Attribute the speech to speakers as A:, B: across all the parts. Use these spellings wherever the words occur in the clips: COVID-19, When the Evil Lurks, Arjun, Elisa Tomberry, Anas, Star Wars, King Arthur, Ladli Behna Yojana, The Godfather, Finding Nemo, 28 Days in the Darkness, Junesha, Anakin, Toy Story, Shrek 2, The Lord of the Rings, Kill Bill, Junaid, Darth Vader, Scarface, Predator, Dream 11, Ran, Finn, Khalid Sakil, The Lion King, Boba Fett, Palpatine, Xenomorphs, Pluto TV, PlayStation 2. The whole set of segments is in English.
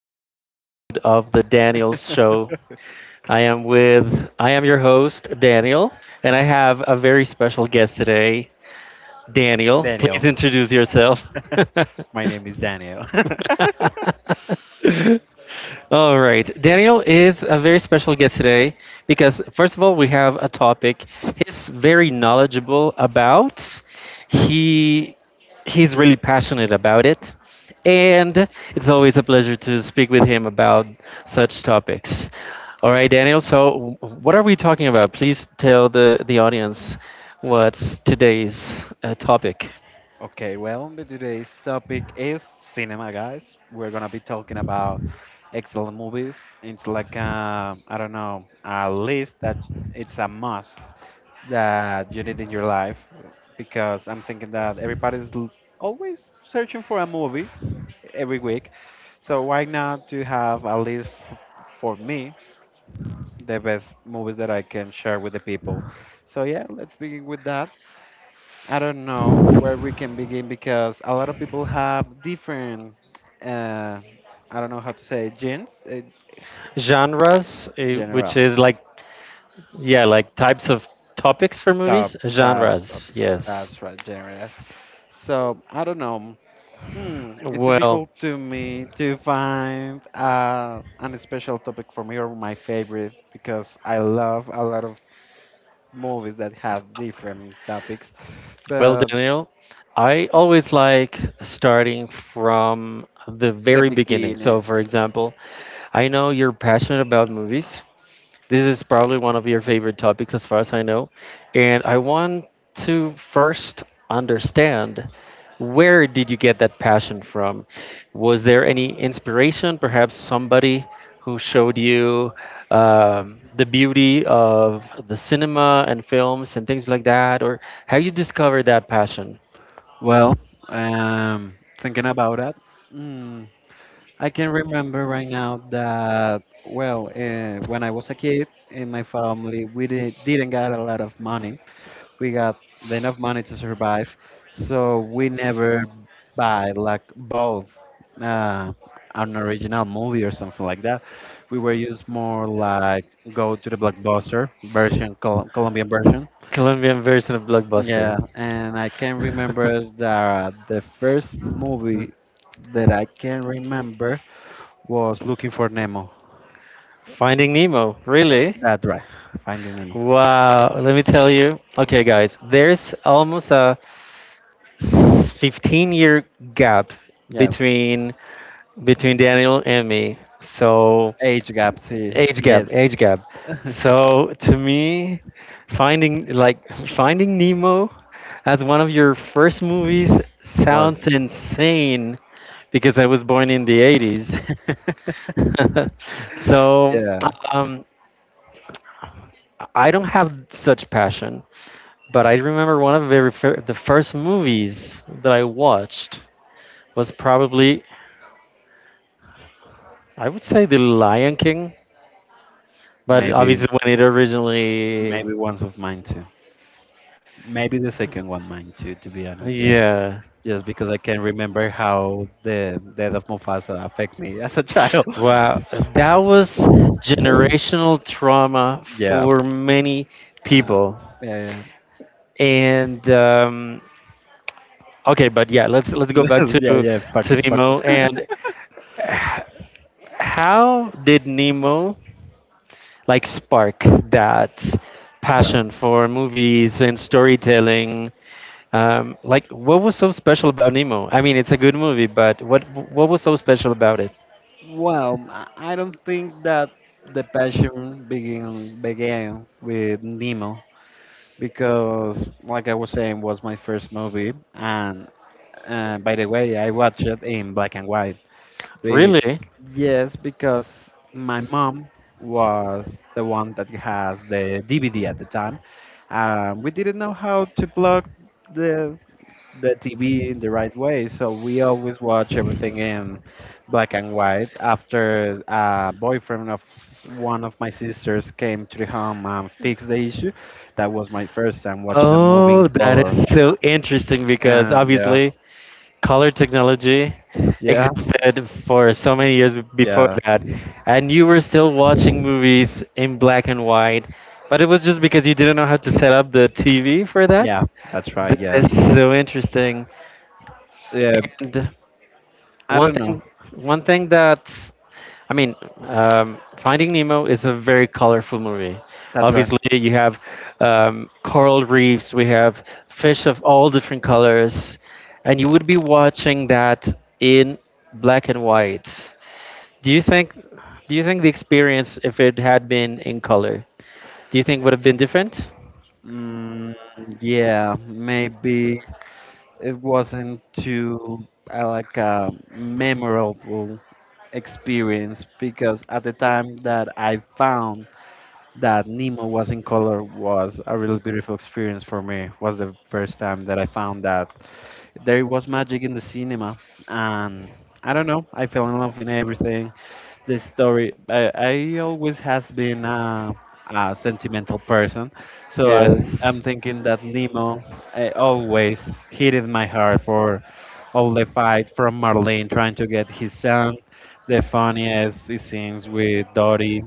A: to another episode of the Daniels Show. I am your host, Daniel, and I have a very special guest today, Daniel. Please
B: Daniel.
A: introduce yourself.
B: My name is Daniel.
A: All right. Daniel is a very special guest today because, first of all, we have a topic he's very knowledgeable about. He he's really passionate about it, and it's always a pleasure to speak with him about such topics. All right, Daniel. So, what are we talking about? Please tell the audience what's today's topic.
B: okay, well, the today's topic is cinema, guys. We're gonna be talking about excellent movies. It's like I don't know, a list that it's a must, that you need in your life, because I'm thinking that always searching for a movie every week. So why not to have, at least for me, the best movies that I can share with the people. So yeah, let's begin with that. I don't know where we can begin because a lot of people have different, uh, I don't know how to say, genes,
A: Genres, eh, which
B: general.
A: is like. Yeah, like types of topics for
B: Top,
A: movies,
B: top
A: genres.
B: topics.
A: Yes.
B: That's right, generous. So I don't know. Hmm, it's
A: Well,
B: difficult to me to find an special topic for me or my favorite, because I love a lot of movies that have different topics.
A: well,
B: But
A: Daniel, I always like starting from the
B: the
A: very beginning. So,
B: beginning.
A: for example, I know you're passionate about movies. This is probably one of your favorite topics, as far as I know. And I want to first understand, where did you get that passion from? Was there any inspiration, perhaps somebody who showed you the beauty of the cinema and films and things like that? Or how you discovered that passion?
B: Well, thinking about that, mm, I can remember right now that, well, when I was a kid in my family, we didn't get a lot of money. We got enough money to survive, so we never buy like both uh, an original movie or something like that. We were used more like go to the Blockbuster version, Colombian version.
A: Colombian version of
B: Yeah,
A: Blockbuster.
B: and I can remember that the first movie that I can remember was Looking for Nemo.
A: Finding Nemo, really?
B: That's right, Finding Nemo.
A: Wow, let me tell you. Okay, guys, there's almost a 15-year gap
B: Yeah,
A: between between Daniel and me. So
B: age gap. See,
A: age gap,
B: yes,
A: age gap. So to me, finding like finding Nemo as one of your first movies
B: was.
A: sounds insane because I was born in the 80s. So
B: Yeah,
A: um, I don't have such passion, but I remember one of the the first movies that I watched was probably, I would say, The Lion King, but
B: maybe
A: obviously when it originally,
B: maybe one's of mine too. Maybe the second one mine too. To be honest, yeah,
A: yeah,
B: just because I can remember how the death of Mufasa affect me as a child.
A: wow, that was generational trauma
B: Yeah,
A: for many
B: uh,
A: people.
B: yeah, yeah.
A: And okay, but yeah, let's go back
B: Yeah, yeah,
A: to
B: focus,
A: Nemo
B: focus.
A: and how did Nemo like spark that
B: well,
A: passion for movies and storytelling? Like, what was so special about Nemo? I mean, it's a good movie, but what was so special about it?
B: Well, I don't think that the passion began with Nemo because, like I was saying, was my first movie, and by the way, I watched it in black and white. Be
A: Really?
B: Yes, because my mom was the one that has the DVD at the time. We didn't know how to plug the the TV in the right way. So we always watch everything in black and white. After a boyfriend of one of my sisters came to the home and fixed the issue, that was my first time watching a movie in
A: Oh, that
B: color.
A: is so interesting because
B: And yeah,
A: obviously color technology
B: yeah,
A: existed for so many years before
B: yeah,
A: that, and you were still watching movies in black and white, but it was just because you didn't know how to set up the TV for that.
B: yeah, that's right.
A: That
B: Yeah,
A: is so interesting.
B: yeah. I
A: one
B: don't know.
A: thing One thing that, i mean finding nemo is a very colorful movie.
B: That's right.
A: Obviously you have coral reefs, we have fish of all different colors, and you would be watching that in black and white. Do you think, the experience if it had been in color, do you think would have been different?
B: Mm, yeah, maybe it wasn't too like memorable experience, because at the time that I found that Nemo was in color was a really beautiful experience for me. Was the first time that I found that there was magic in the cinema, and I don't know, I fell in love in everything, the story. I always has been a sentimental person, so
A: Yes.
B: I'm thinking that Nemo always hit in my heart for all the fight from Marlene trying to get his son, the funniest scenes with Dottie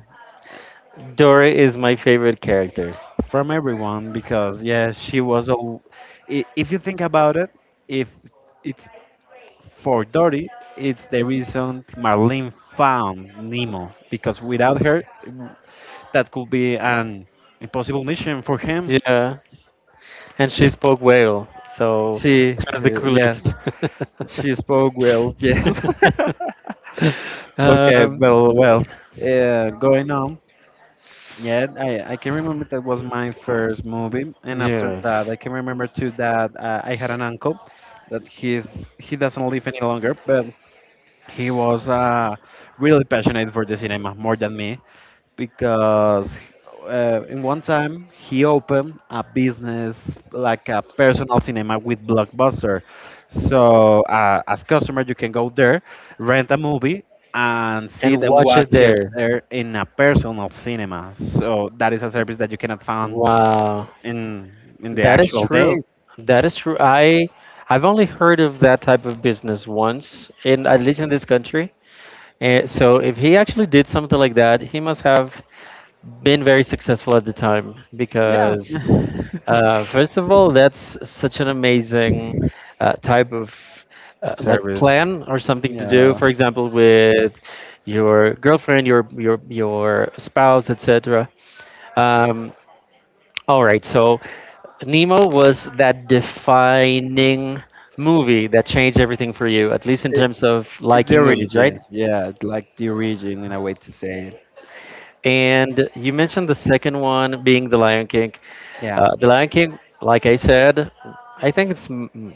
A: Dory is my favorite character.
B: from everyone because yeah she was all. If you think about it, if it's for Dory, it's the reason Marlene found Nemo, because without her, that could be an impossible mission for him.
A: Yeah, and she spoke whale, so
B: See,
A: she was the
B: yes,
A: coolest.
B: she spoke well. Yes. Okay.
A: um,
B: Well, well. Going on. Yeah, I can remember that was my first movie, and after that,
A: yes,
B: I can remember too that I had an uncle that he's, he doesn't live any longer, but he was really passionate for the cinema more than me. Because in one time he opened a business like a personal cinema with Blockbuster. So as customer, you can go there, rent a movie, and see
A: and
B: it and
A: watch it
B: watch it
A: there.
B: there in a personal cinema. So that is a service that you cannot find
A: Wow.
B: in the
A: That is
B: actual day.
A: true. That is true. I've only heard of that type of business once, in at least in this country. And so if he actually did something like that, he must have been very successful at the time
B: Yeah,
A: because, first of all, that's such an amazing type of like
B: service.
A: plan or something to do.
B: Yeah,
A: For example, with your girlfriend, your spouse, etc. Um, all right, so Nemo was that defining movie that changed everything for you, at least in
B: It,
A: terms of
B: it's the
A: liking movies, right?
B: origin. Yeah, it's like the origin, in a way to say it.
A: And you mentioned the second one being The Lion King.
B: Yeah.
A: The Lion King, like I said, I think it's m- m-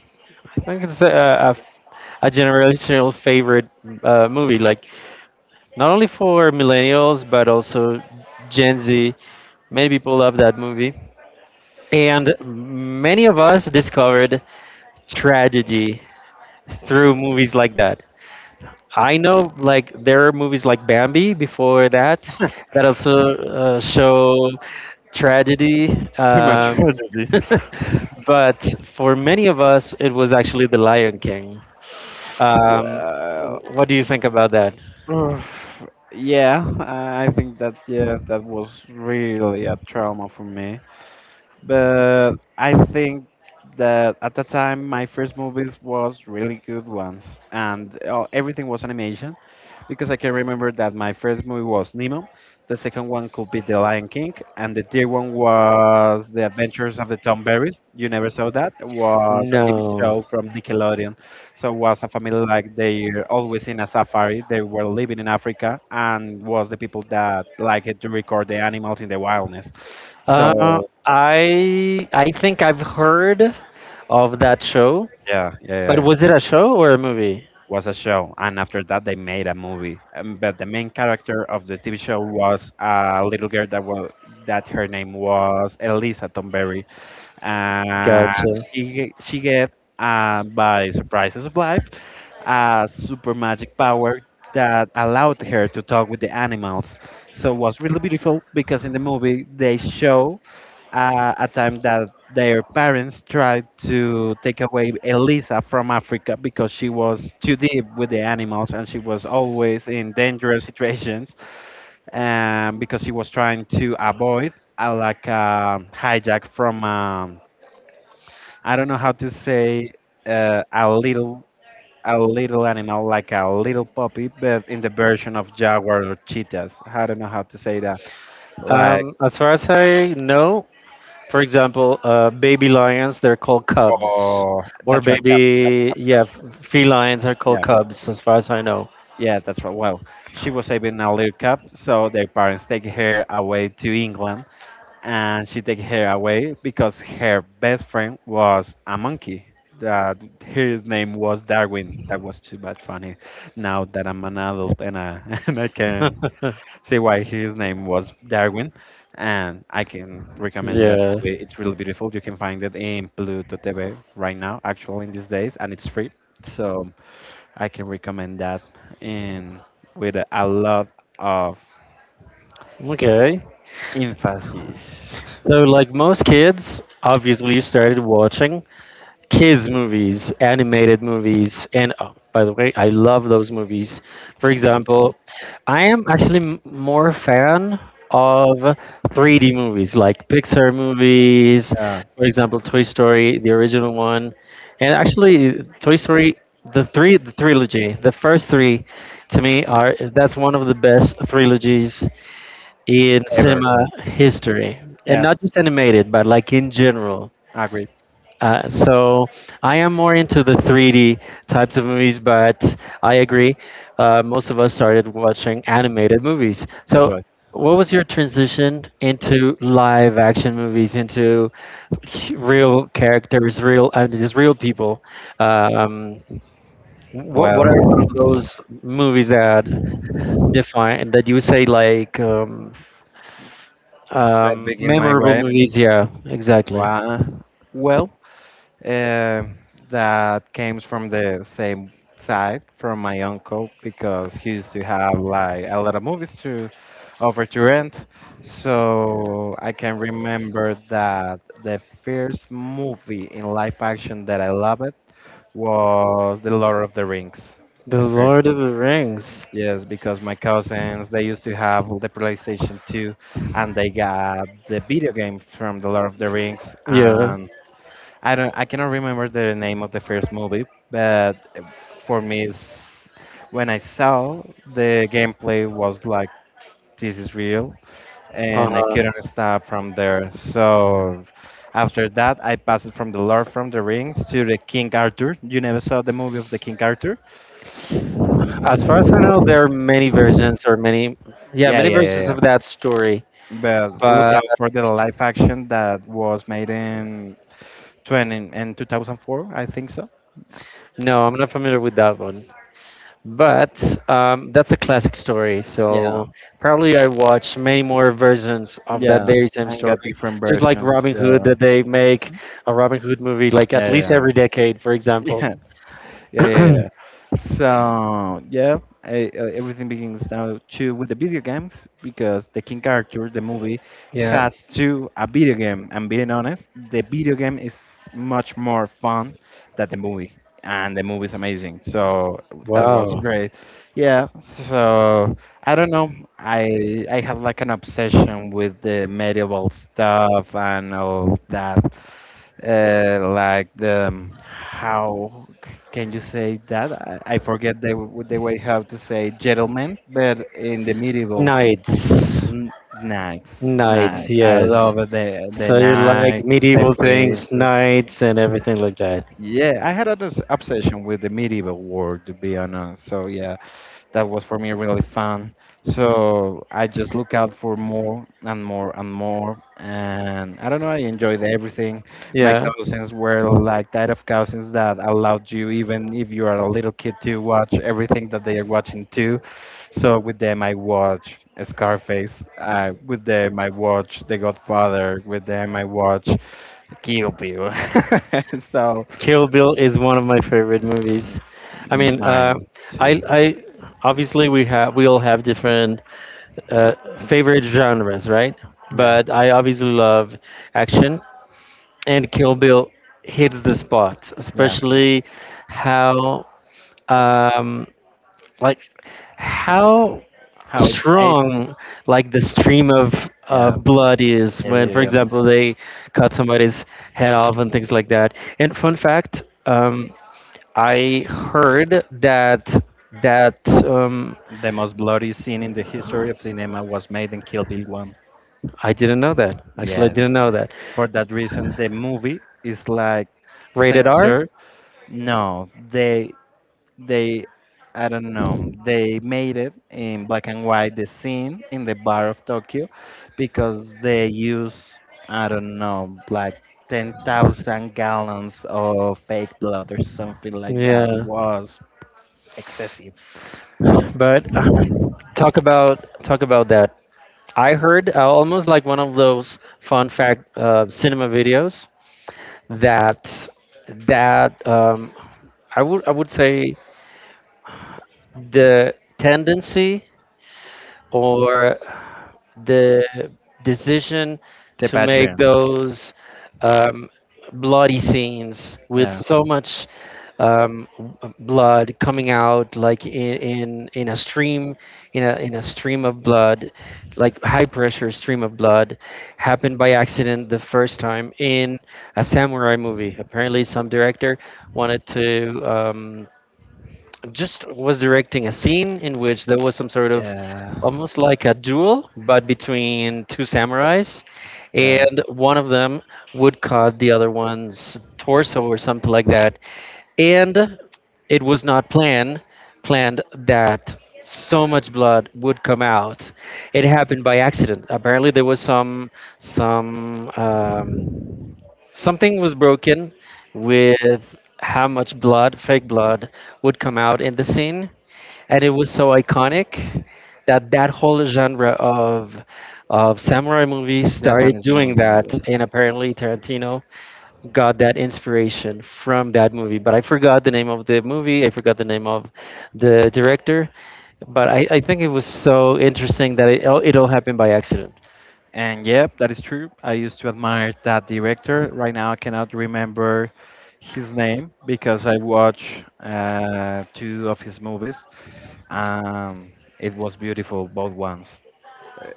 A: I think it's a generational favorite movie, like not only for millennials but also Gen Z. Many people love that movie, and many of us discovered tragedy through movies like that. I know, like there are movies like Bambi before that that also show tragedy.
B: Too much
A: Um,
B: tragedy.
A: but for many of us, it was actually The Lion King. Um,
B: Well,
A: what do you think about that?
B: ugh. Yeah, I think that yeah, that was really a trauma for me. But I think that at the time my first movies was really good ones, and everything was animation, because I can remember that my first movie was Nemo, the second one could be The Lion King, and the third one was The Adventures of the Tom Berries. You never saw that? It was a TV
A: No.
B: show from Nickelodeon. So it was a family, like they always in a safari. They were living in Africa and was the people that liked to record the animals in the wilderness.
A: Uh,
B: So
A: I think I've heard of that show.
B: yeah, yeah,
A: But
B: yeah. Yeah.
A: was it a show or a movie?
B: Was a show, and after that they made a movie. But the main character of the TV show was a little girl that was, that her name was Elisa Tomberry, and
A: Gotcha.
B: she get by surprises of life a super magic power that allowed her to talk with the animals. So it was really beautiful because in the movie they show a time that their parents tried to take away Elisa from Africa because she was too deep with the animals and she was always in dangerous situations because she was trying to avoid a like hijack from I don't know how to say, a little, a little animal like a little puppy, but in the version of jaguar or cheetahs. I don't know how to say that. Like
A: As far as I know, for example, baby lions, they're called cubs.
B: oh,
A: Or
B: that's right, cubs, cubs,
A: baby,
B: cubs,
A: yeah,
B: cubs.
A: felines are
B: Yeah,
A: called cubs, as far as I know.
B: yeah, that's right. Well, she was having a little cub, so their parents take her away to England, and she take her away because her best friend was a monkey. That his name was Darwin. That was too much funny now that I'm an adult and I and I can see why his name was Darwin. And I can recommend that
A: Yeah.
B: movie. It's really beautiful. You can find it in Pluto TV right now, actually, in these days, and it's free. So I can recommend that, in, with a lot of
A: Okay.
B: emphasis.
A: So, like most kids, obviously you started watching kids' movies, animated movies, and oh, by the way, I love those movies. For example, I am actually more fan of 3D movies like Pixar movies,
B: Uh,
A: for example, Toy Story, the original one, and actually Toy Story, the trilogy, the first three, to me are, that's one of the best trilogies in
B: Ever.
A: cinema history, and
B: Yeah,
A: not just animated but like in general.
B: I agree.
A: So I am more into the 3D types of movies, but I agree, most of us started watching animated movies.
B: That's
A: So
B: right.
A: what was your transition into live action movies, into real characters, real, just real people? um, what
B: Well,
A: are one of those movies that define that you would say like,
B: that
A: um,
B: begin my
A: memorable
B: way.
A: movies, yeah, exactly.
B: Wow. Well, uh, that came from the same side from my uncle because he used to have like a lot of movies to over to rent. So I can remember that the first movie in live action that I loved was The Lord of the Rings.
A: The
B: The first,
A: Lord of the Rings.
B: yes, because my cousins they used to have the PlayStation 2 and they got the video game from The Lord of the Rings,
A: Yeah.
B: and I don't. I cannot remember the name of the first movie, but for me, it's, when I saw the gameplay was like, this is real, and I
A: Uh-huh.
B: couldn't stop from there. So after that, I passed from the Lord from the Rings to the King Arthur. You never saw the movie of the King Arthur?
A: As far as I know, there are many versions or many, yeah,
B: Yeah,
A: many
B: yeah, yeah,
A: versions
B: yeah.
A: of that story.
B: But look
A: But
B: out for the live action that was made in 20 in 2004, I think so.
A: no, I'm not familiar with that one. But that's a classic story.
B: Yeah.
A: So probably I watch many more versions of that
B: Yeah,
A: very same
B: and got
A: story.
B: different
A: Just like
B: versions.
A: Robin
B: Yeah,
A: Hood, that they make a Robin Hood movie like at
B: yeah, yeah,
A: least
B: yeah.
A: every decade, for example.
B: Yeah, yeah, yeah. So yeah, everything begins now too with the video games because the King Arthur, the movie,
A: Yeah.
B: has to a video game. And being honest, the video game is much more fun than the movie, and the movie is amazing. So that was
A: Wow.
B: great. Yeah. So I don't know. I had like an obsession with the medieval stuff and all that, like the how can you say that? I forget the the way how to say gentlemen, but in the medieval,
A: Knights.
B: n- knights,
A: Knights,
B: knights. I
A: yes.
B: love the
A: So you like
B: knights, the
A: medieval things,
B: princes.
A: knights and everything like that.
B: Yeah, I had an obsession with the medieval world, to be honest. So yeah, that was for me really fun. So I just look out for more and more and more. And I don't know, I enjoyed everything. My
A: Yeah.
B: cousins were like that of cousins that allowed you, even if you are a little kid, to watch everything that they are watching too. So with them, I watch Scarface. With them, I watch The Godfather. With them, I watch Kill Bill. So
A: Kill Bill is one of my favorite movies. I mean,
B: mine too.
A: I obviously, we have we all have different uh, favorite genres, right?
B: Yeah,
A: But I obviously love action, and Kill Bill hits the spot,
B: yeah.
A: especially how um, like how
B: How it's made.
A: strong like the stream
B: Yeah.
A: of blood is
B: Yeah,
A: when,
B: yeah,
A: for
B: yeah.
A: example, they cut somebody's head off and things like that. And fun fact. I heard that that um,
B: The most bloody scene in the history of cinema was made in Kill Bill 1.
A: I didn't know that. Actually, I
B: Yes.
A: didn't know that.
B: For that reason, the movie is like
A: Rated R.
B: censored. No, they, I don't know, they made it in black and white, the scene in the bar of Tokyo, because they use, I don't know, like 10,000 gallons of fake blood or something like that
A: Yeah,
B: was excessive.
A: but talk about, talk about that. I heard almost like one of those fun fact cinema videos that that I would, I would say the tendency or the decision
B: The
A: to make
B: Patreon.
A: those um, bloody scenes with
B: Yeah.
A: so much blood coming out, like in a stream of blood, like high pressure stream of blood, happened by accident the first time in a samurai movie. Apparently, some director wanted to. Just was directing a scene in which there was some sort of
B: Yeah,
A: almost like a duel, but between two samurais,
B: yeah.
A: and one of them would cut the other one's torso or something like that. And it was not planned that so much blood would come out. It happened by accident. Apparently, there was some something was broken with how much blood, fake blood, would come out in the scene, and it was so iconic that that whole genre of samurai movies started
B: Japanese
A: doing
B: movies.
A: that,
B: Yeah.
A: and apparently Tarantino got that inspiration from that movie. But I forgot the name of the movie. I forgot the name of the director. But I think it was so interesting that it all happened by accident.
B: And yep, that is true. I used to admire that director. Right now, I cannot remember his name because I watched two of his movies. Um, it was beautiful, both ones.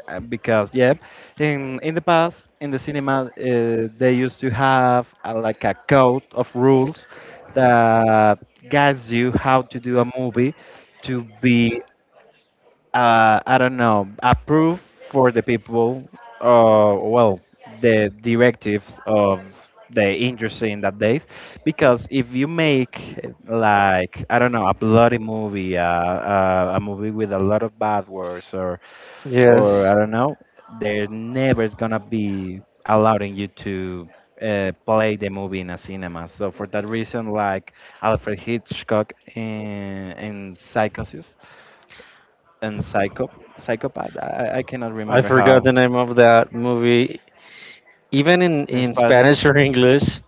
B: Because yeah, in the past in the cinema, they used to have like a code of rules that guides you how to do a movie to be, I don't know, approved for the people, well, the directives of the industry in that days. Because if you make, like I don't know, a bloody movie, a movie with a lot of bad words
A: Yes,
B: or I don't know, they're never gonna be allowing you to play the movie in a cinema. So for that reason, like Alfred Hitchcock in Psychosis and Psycho Psychopath, I cannot
A: I
B: remember
A: forgot
B: how
A: the name of that movie even
B: in
A: in Spanish
B: Spanish
A: or English.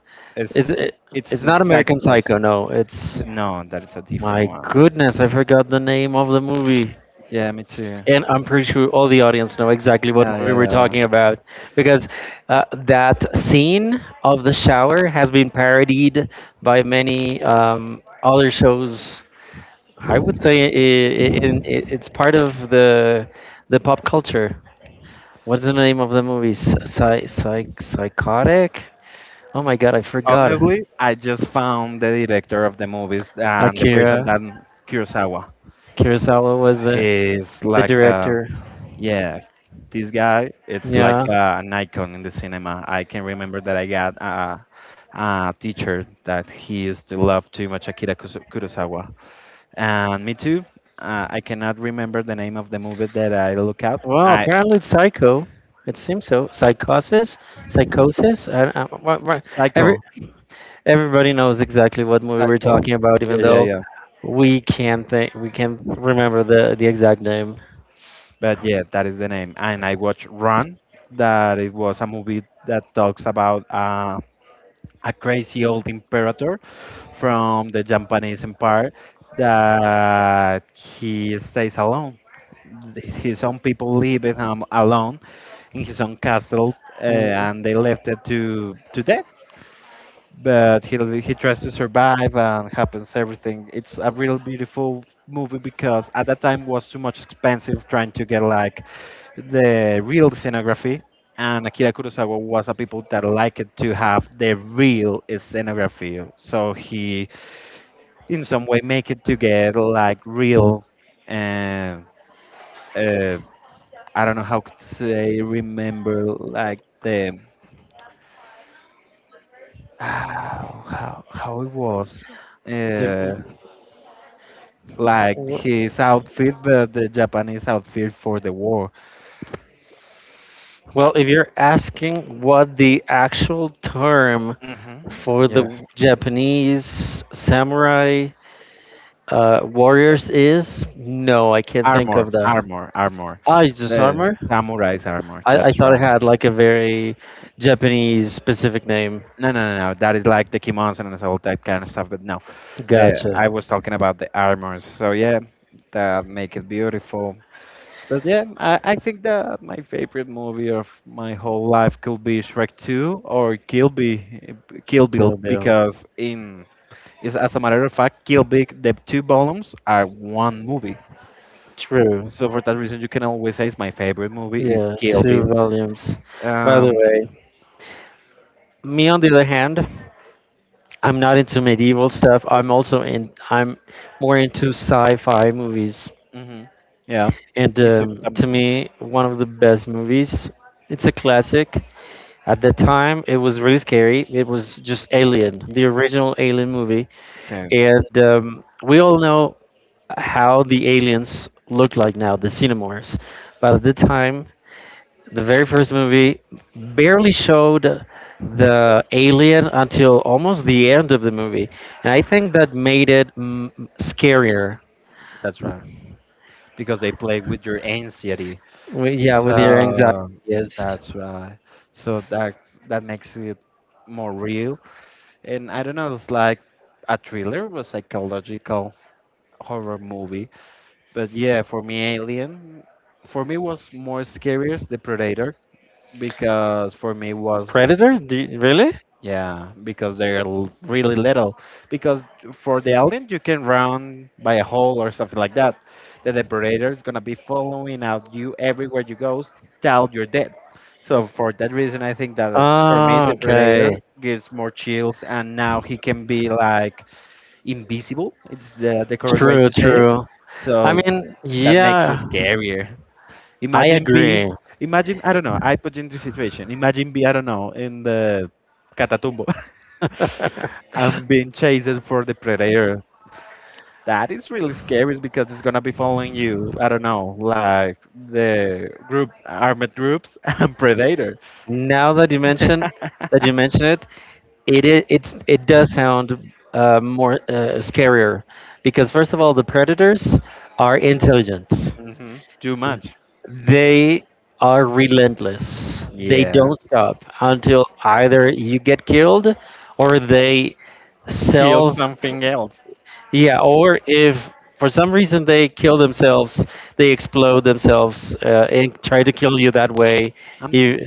A: Is
B: is,
A: it?
B: it's
A: It's
B: a
A: not American
B: Psychos.
A: Psycho. No, it's,
B: No, that is a different
A: my
B: one.
A: goodness. I forgot the name of the movie.
B: Yeah, me too.
A: And I'm pretty sure all the audience know exactly what
B: Yeah,
A: movie
B: yeah,
A: we're
B: yeah.
A: talking about because that scene of the shower has been parodied by many other shows. I would say I in, I it's part of the pop culture. What's the name of the movie? Psy, psych, psychotic? Oh my god, I forgot.
B: Honestly, I just found the director of the movies and the
A: Akira
B: person that Kurosawa.
A: Kurosawa was
B: He's
A: the
B: like a,
A: director.
B: yeah, this guy, it's like
A: Yeah.
B: an icon in the cinema. I can remember that I got a teacher that he used to love too much Akira Kurosawa. And me too. I cannot remember the name of the movie that I look up.
A: Well,
B: I
A: apparently it's Psycho. It seems so. Psychosis. What, every,
B: Psycho,
A: everybody knows exactly what movie we're
B: Psycho.
A: talking about, even
B: Yeah, yeah,
A: though
B: yeah.
A: we can't remember the exact name.
B: But yeah, that is the name. And I watched Run. That it was a movie that talks about a crazy old imperator from the Japanese empire that he stays alone. His own people leave him alone in his own castle,
A: Mm,
B: and they left it to death. But he tries to survive, and happens everything. It's a real beautiful movie because at that time was too much expensive trying to get like the real scenography, and Akira Kurosawa was a people that liked to have the real scenography. So he, in some way, make it together like real. Uh, uh, I don't know how to say. Remember like the how it was. Uh,
A: you- you-
B: like
A: wh-
B: his outfit, but the Japanese outfit for the war.
A: well, if you're asking what the actual term
B: Hmm.
A: for
B: Yes.
A: the Japanese samurai warriors is, no, I can't think
B: Armor,
A: of the.
B: armor, armor.
A: Ah, it's just
B: The
A: armor?
B: samurai's armor.
A: I
B: That's
A: thought it
B: right.
A: had like a very Japanese specific name.
B: No, no, no, no. That is like the kimonos and all that kind of stuff. But no,
A: Gotcha.
B: I was talking about the armors. So yeah, that make it beautiful. But yeah, I think that my favorite movie of my whole life could be Shrek 2 or Kill Bill, Kill Bill
A: Kill Bill.
B: because in is, as a matter of fact, Kill Bill the two volumes are one movie.
A: True.
B: So for that reason, you can always say it's my favorite movie is
A: Yeah,
B: Kill
A: two
B: Bill.
A: volumes. By the
B: Um,
A: way, me on the other hand, I'm not into medieval stuff. I'm also in. I'm more into sci-fi movies.
B: hmm. Yeah,
A: And
B: me too.
A: to me, one of the best movies. It's a classic. At that time, it was really scary. It was just Alien, the original Alien movie.
B: Okay,
A: And we all know how the aliens look like now, the Xenomorphs. But at the time, the very first movie barely showed the alien until almost the end of the movie. And I think that made it mm, scarier.
B: that's right. Because they play with your anxiety.
A: Yeah, with your anxiety.
B: So
A: Yes.
B: that's right. So that that makes it more real. And I don't know, it's like a thriller or psychological horror movie. But yeah, for me, Alien, for me was more scariest The Predator because for me was,
A: Predator? Do you, really?
B: yeah, because they're really little. Because for the alien, you can run by a hole or something like that. The depredator is gonna be following out you everywhere you go till you're dead. So for that reason, I think that for me,
A: Ah,
B: the predator
A: okay.
B: gives more chills, and now he can be like invisible. It's the correct way
A: True,
B: to say it.
A: true. I
B: So
A: mean,
B: that makes you
A: yeah,
B: scarier.
A: I
B: Imagine be,
A: agree.
B: imagine I don't know. I put you in this situation. Imagine be I don't know in the Catatumbo. I'm being chased for the predator. That is really scary because it's gonna be following you. I don't know, like the group armored groups and predator.
A: Now that you mention that you mention it, it I- it's it does sound more scarier because first of all, the predators are intelligent.
B: hmm Too much.
A: They are relentless. They
B: Yeah.
A: don't stop until either you get killed or they
B: Kill
A: self.
B: something else.
A: Yeah, or if for some reason they kill themselves, they explode themselves and try to kill you that way.
B: I'm
A: you
B: th-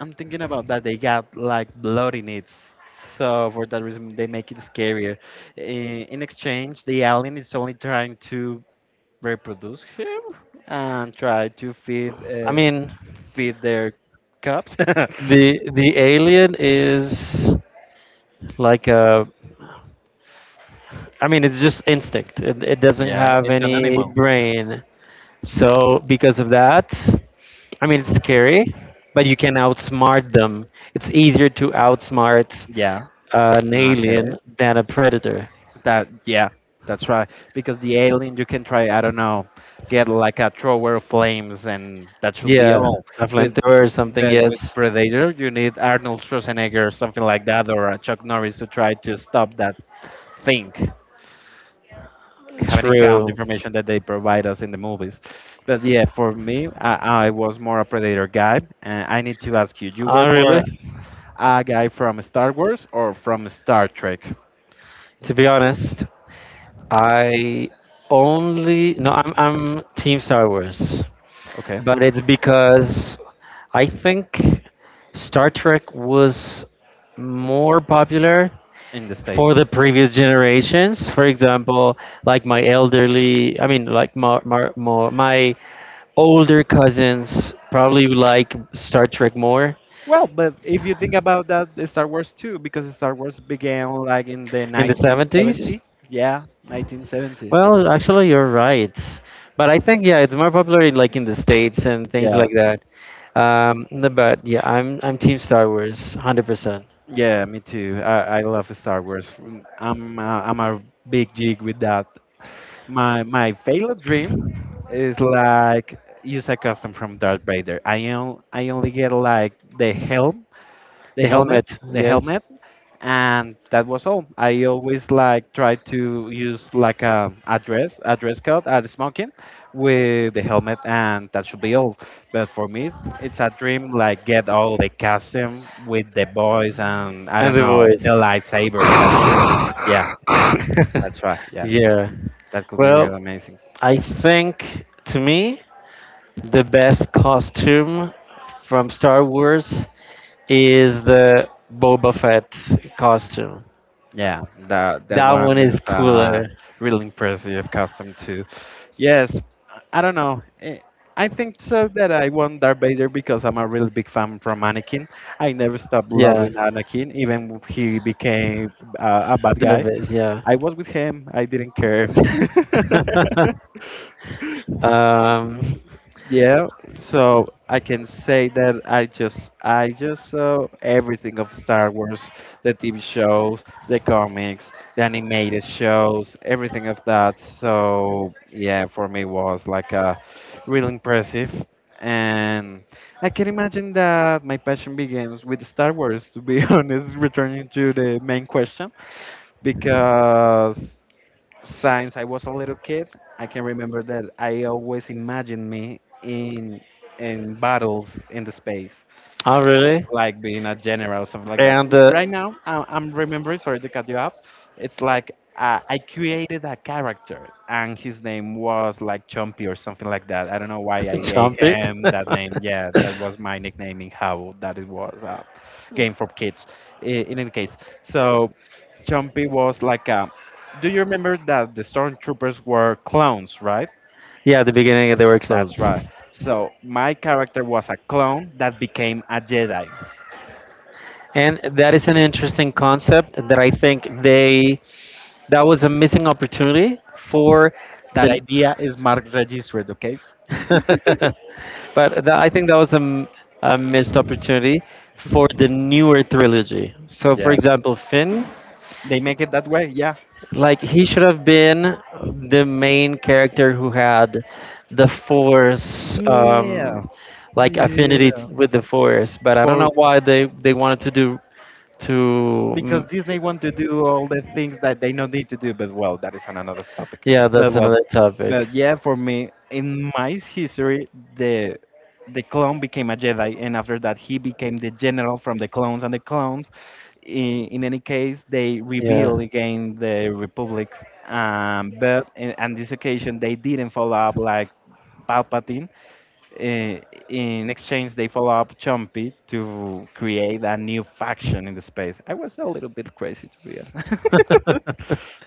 B: I'm thinking about that. They got like blood in it, so for that reason they make it scarier. I- In exchange, the alien is only trying to reproduce him and try to feed,
A: i mean
B: feed their cubs.
A: the the alien is like a, it's just instinct. It doesn't
B: yeah,
A: have
B: it's an
A: any
B: animal.
A: brain. So because of that, I mean it's scary, but you can outsmart them. It's easier to outsmart
B: Yeah.
A: an
B: Okay.
A: alien than a predator.
B: That yeah, that's right. Because the alien you can try, I don't know, get like a thrower of flames and that should be
A: Yeah,
B: all.
A: a
B: But
A: flamethrower or something.
B: but with
A: Yes,
B: Predator you need Arnold Schwarzenegger or something like that or a Chuck Norris to try to stop that thing. Having not encountered the
A: true.
B: information that they provide us in the movies. But yeah, for me, I was more a Predator guy. And I need to ask you, you
A: Ah,
B: were more
A: really?
B: a guy from Star Wars or from Star Trek?
A: To be honest, I only no, I'm Team Star Wars,
B: Okay,
A: but it's because I think Star Trek was more popular
B: in the
A: for
B: States.
A: the previous generations. For example, like my elderly, like my older cousins probably like Star Trek more
B: Well, but if you think about that, the Star Wars too, because Star Wars began like in the
A: in the 70s.
B: 1970. Yeah, 1970.
A: Well, actually, you're right, but I think yeah, it's more popular in, like in the States and things
B: Yeah.
A: like that. No, but yeah, I'm team Star Wars 100%.
B: Yeah, me too. I love Star Wars. Mm, I'm a big jig with that. My failed dream is like use a custom from Darth Vader. I only get like the helm,
A: The helmet,
B: the
A: yes,
B: helmet, and that was all. I always like try to use like a address, dress a dress code, a smoking, with the helmet, and that should be all. But for me, it's a dream like get all the custom with the boys and I
A: and
B: don't
A: the
B: know
A: voice.
B: the lightsaber. That should, yeah, that's right, yeah,
A: Yeah.
B: that could be
A: Well,
B: really amazing.
A: I think to me the best costume from Star Wars is the Boba Fett costume.
B: Yeah, that that
A: That one
B: one
A: is
B: is
A: cooler.
B: really impressive custom too. Yes, I don't know. I think so that I want Darth Vader because I'm a really big fan from Anakin. I never stopped
A: Yeah,
B: loving Anakin, even when he became a bad guy.
A: the. Yeah.
B: I was with him. I didn't care.
A: um,
B: Yeah, so I can say that I just saw everything of Star Wars, the TV shows, the comics, the animated shows, everything of that. So yeah, for me was like really impressive, and I can imagine that my passion begins with Star Wars. To be honest, returning to the main question, because since I was a little kid, I can remember that I always imagined me in battles in the space
A: Oh, really?
B: like being a general or something like that.
A: And
B: And right now, I'm remembering, sorry to cut you off, it's like I created a character and his name was like Chompy or something like that. I don't know why I gave
A: jumpy.
B: him that name. Yeah, that was my nickname in how that it was a game for kids. I- In any case, so Chompy was like a. Do you remember that the stormtroopers were clones, right?
A: Yeah, at the beginning they were closed.
B: That's right. So my character was a clone that became a Jedi.
A: And that is an interesting concept that I think they, that was a missing opportunity for
B: That
A: the.
B: idea is marked registered, okay?
A: but tha I think that was a, a missed opportunity for the newer trilogy. So, for
B: Yeah.
A: example, Finn,
B: They make it that way, yeah.
A: like he should have been the main character who had the Force,
B: Yeah.
A: like affinity
B: Yeah.
A: with the Force. But I don't
B: For
A: know why they wanted to do to.
B: because
A: Mm,
B: Disney want to do all the things that they don't need to do, but well, that is another topic.
A: yeah,
B: But
A: that's
B: well,
A: another topic.
B: but yeah, for me, in my history, the clone became a Jedi, and after that, he became the general from the clones and the clones, in any case, they
A: Yeah.
B: rebelled against the republics. But in, on this occasion, they didn't follow up like Palpatine. Uh, in exchange, they follow up Chompy to create a new faction in the space. I was a little bit crazy, to be honest.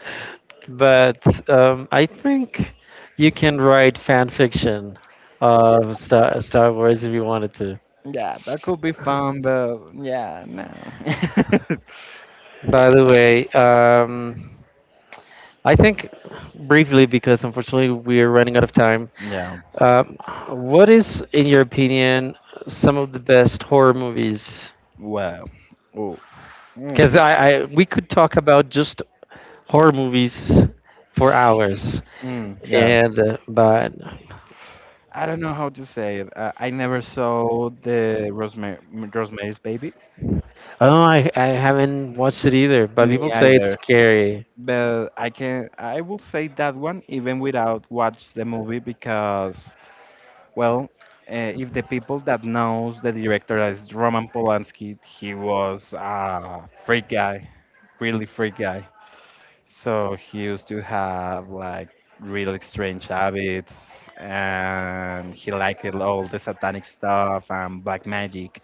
A: But I think you can write fan fiction
B: yeah,
A: of Star Wars if you wanted to.
B: yeah, that could be fun, but yeah, no.
A: By the way, I think briefly, because unfortunately we're running out of time.
B: yeah,
A: Um, what is, in your opinion, some of the best horror movies?
B: well, oh, mm,
A: Because we could talk about just horror movies for hours,
B: mm, yeah.
A: and but.
B: I don't know how to say it. I never saw the Rosemary, Rosemary's Baby.
A: Oh, I haven't watched it either. But people
B: Me
A: say it's
B: either.
A: scary.
B: But I can I will say that one even without watch the movie because well, if the people that knows the director as Roman Polanski, he was a freak guy, really freak guy. So he used to have like really strange habits and he liked all the satanic stuff and black magic.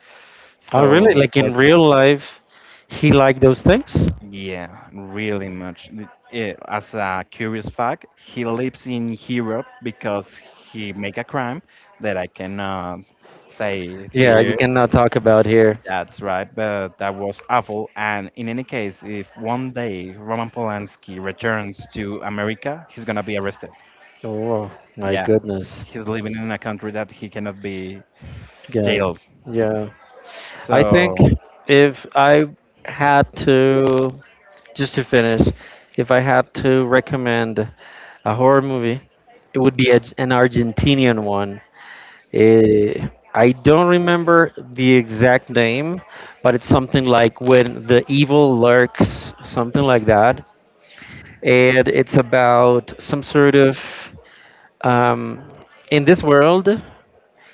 A: Oh, really?
B: So,
A: Like
B: for,
A: in real life, he liked those things?
B: yeah, really much. As a curious fact, he lives in Europe because he make a crime that I cannot say it
A: Yeah, you
B: here.
A: cannot talk about here.
B: That's right, but that was awful. And in any case, if one day Roman Polanski returns to America, he's gonna be arrested.
A: Oh my
B: Yeah,
A: goodness.
B: he's living in a country that he cannot be
A: Yeah,
B: jailed.
A: yeah. I think
B: So,
A: if I had to, just to finish, if I had to recommend a horror movie, it would be an Argentinian one. Eh, I don't remember the exact name, but it's something like When the Evil Lurks, something like that. And it's about some sort of, um, in this world,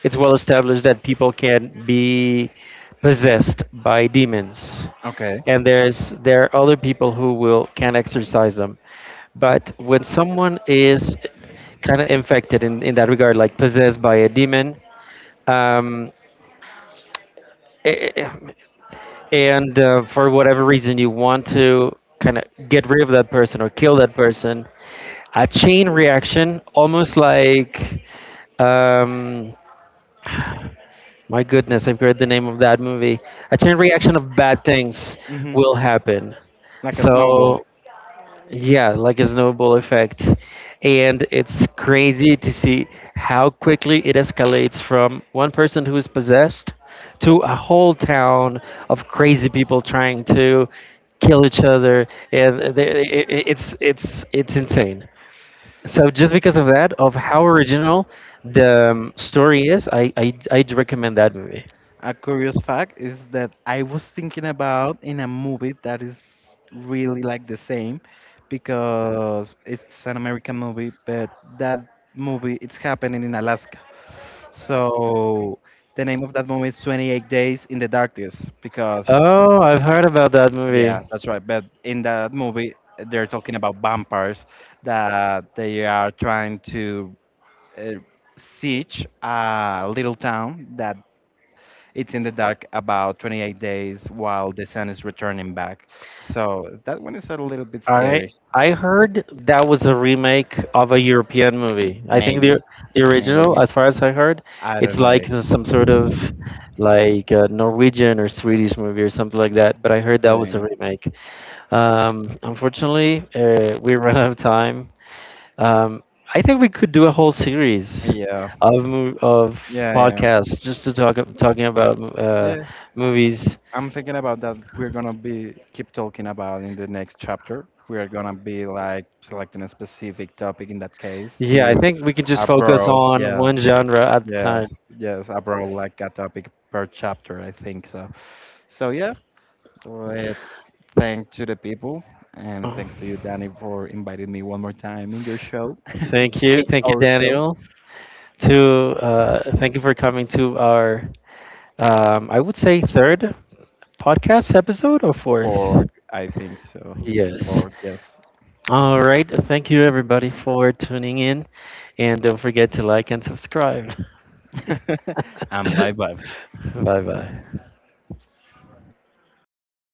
A: it's well established that people can be possessed by demons,
B: okay.
A: and there are other people who will can exercise them. But when someone is kind of infected in that regard, like possessed by a demon, um, eh, eh, and for whatever reason you want to kind of get rid of that person or kill that person, a chain reaction, almost like, um, my goodness, I've heard the name of that movie. A chain reaction of bad things
B: Hmm.
A: will happen.
B: Like a snowball.
A: So, yeah, like a snowball effect. And it's crazy to see how quickly it escalates from one person who is possessed to a whole town of crazy people trying to kill each other. And they, it's insane. So just because of that, of how original the story is, I'd recommend that movie.
B: A curious fact is that I was thinking about in a movie that is really like the same because it's an American movie, but that movie it's happening in Alaska. So the name of that movie is 28 Days in the Darkness because
A: Oh, I've heard about that movie.
B: yeah, that's right. But in that movie they're talking about vampires that they are trying to uh, siege a little town that it's in the dark about 28 days while the sun is returning back. So that one is a little bit
A: I
B: scary.
A: I heard that was a remake of a European movie. I think
B: Maybe,
A: the original,
B: maybe.
A: as far as I heard,
B: I don't
A: it's
B: know
A: like
B: if.
A: some sort of like a Norwegian or Swedish movie or something like that. But I heard that was a
B: Uh,
A: remake. Unfortunately, we ran out of time. Um, I think we could do a whole series
B: yeah,
A: of of
B: yeah, yeah,
A: podcasts just to talking about
B: yeah. I-
A: movies.
B: I'm thinking about that. We're gonna be keep talking about in the next chapter. We are gonna be like selecting a specific topic in that case
A: Yeah, I
B: to
A: think we can just focus
B: abroad.
A: on
B: Yeah,
A: one genre at the time.
B: yes, yes, abroad like a topic per chapter. I think so. So yeah, let's thank to the people and thanks to you, Danny, for inviting me one more time in your show,
A: Thank you.
B: in
A: Thank you,
B: our show.
A: Daniel. To thank you for coming to our, I would say, third podcast episode or fourth.
B: For I think so.
A: Yes.
B: For yes,
A: All right. Thank you, everybody, for tuning in. And don't forget to like and subscribe.
B: and bye bye.
A: Bye bye.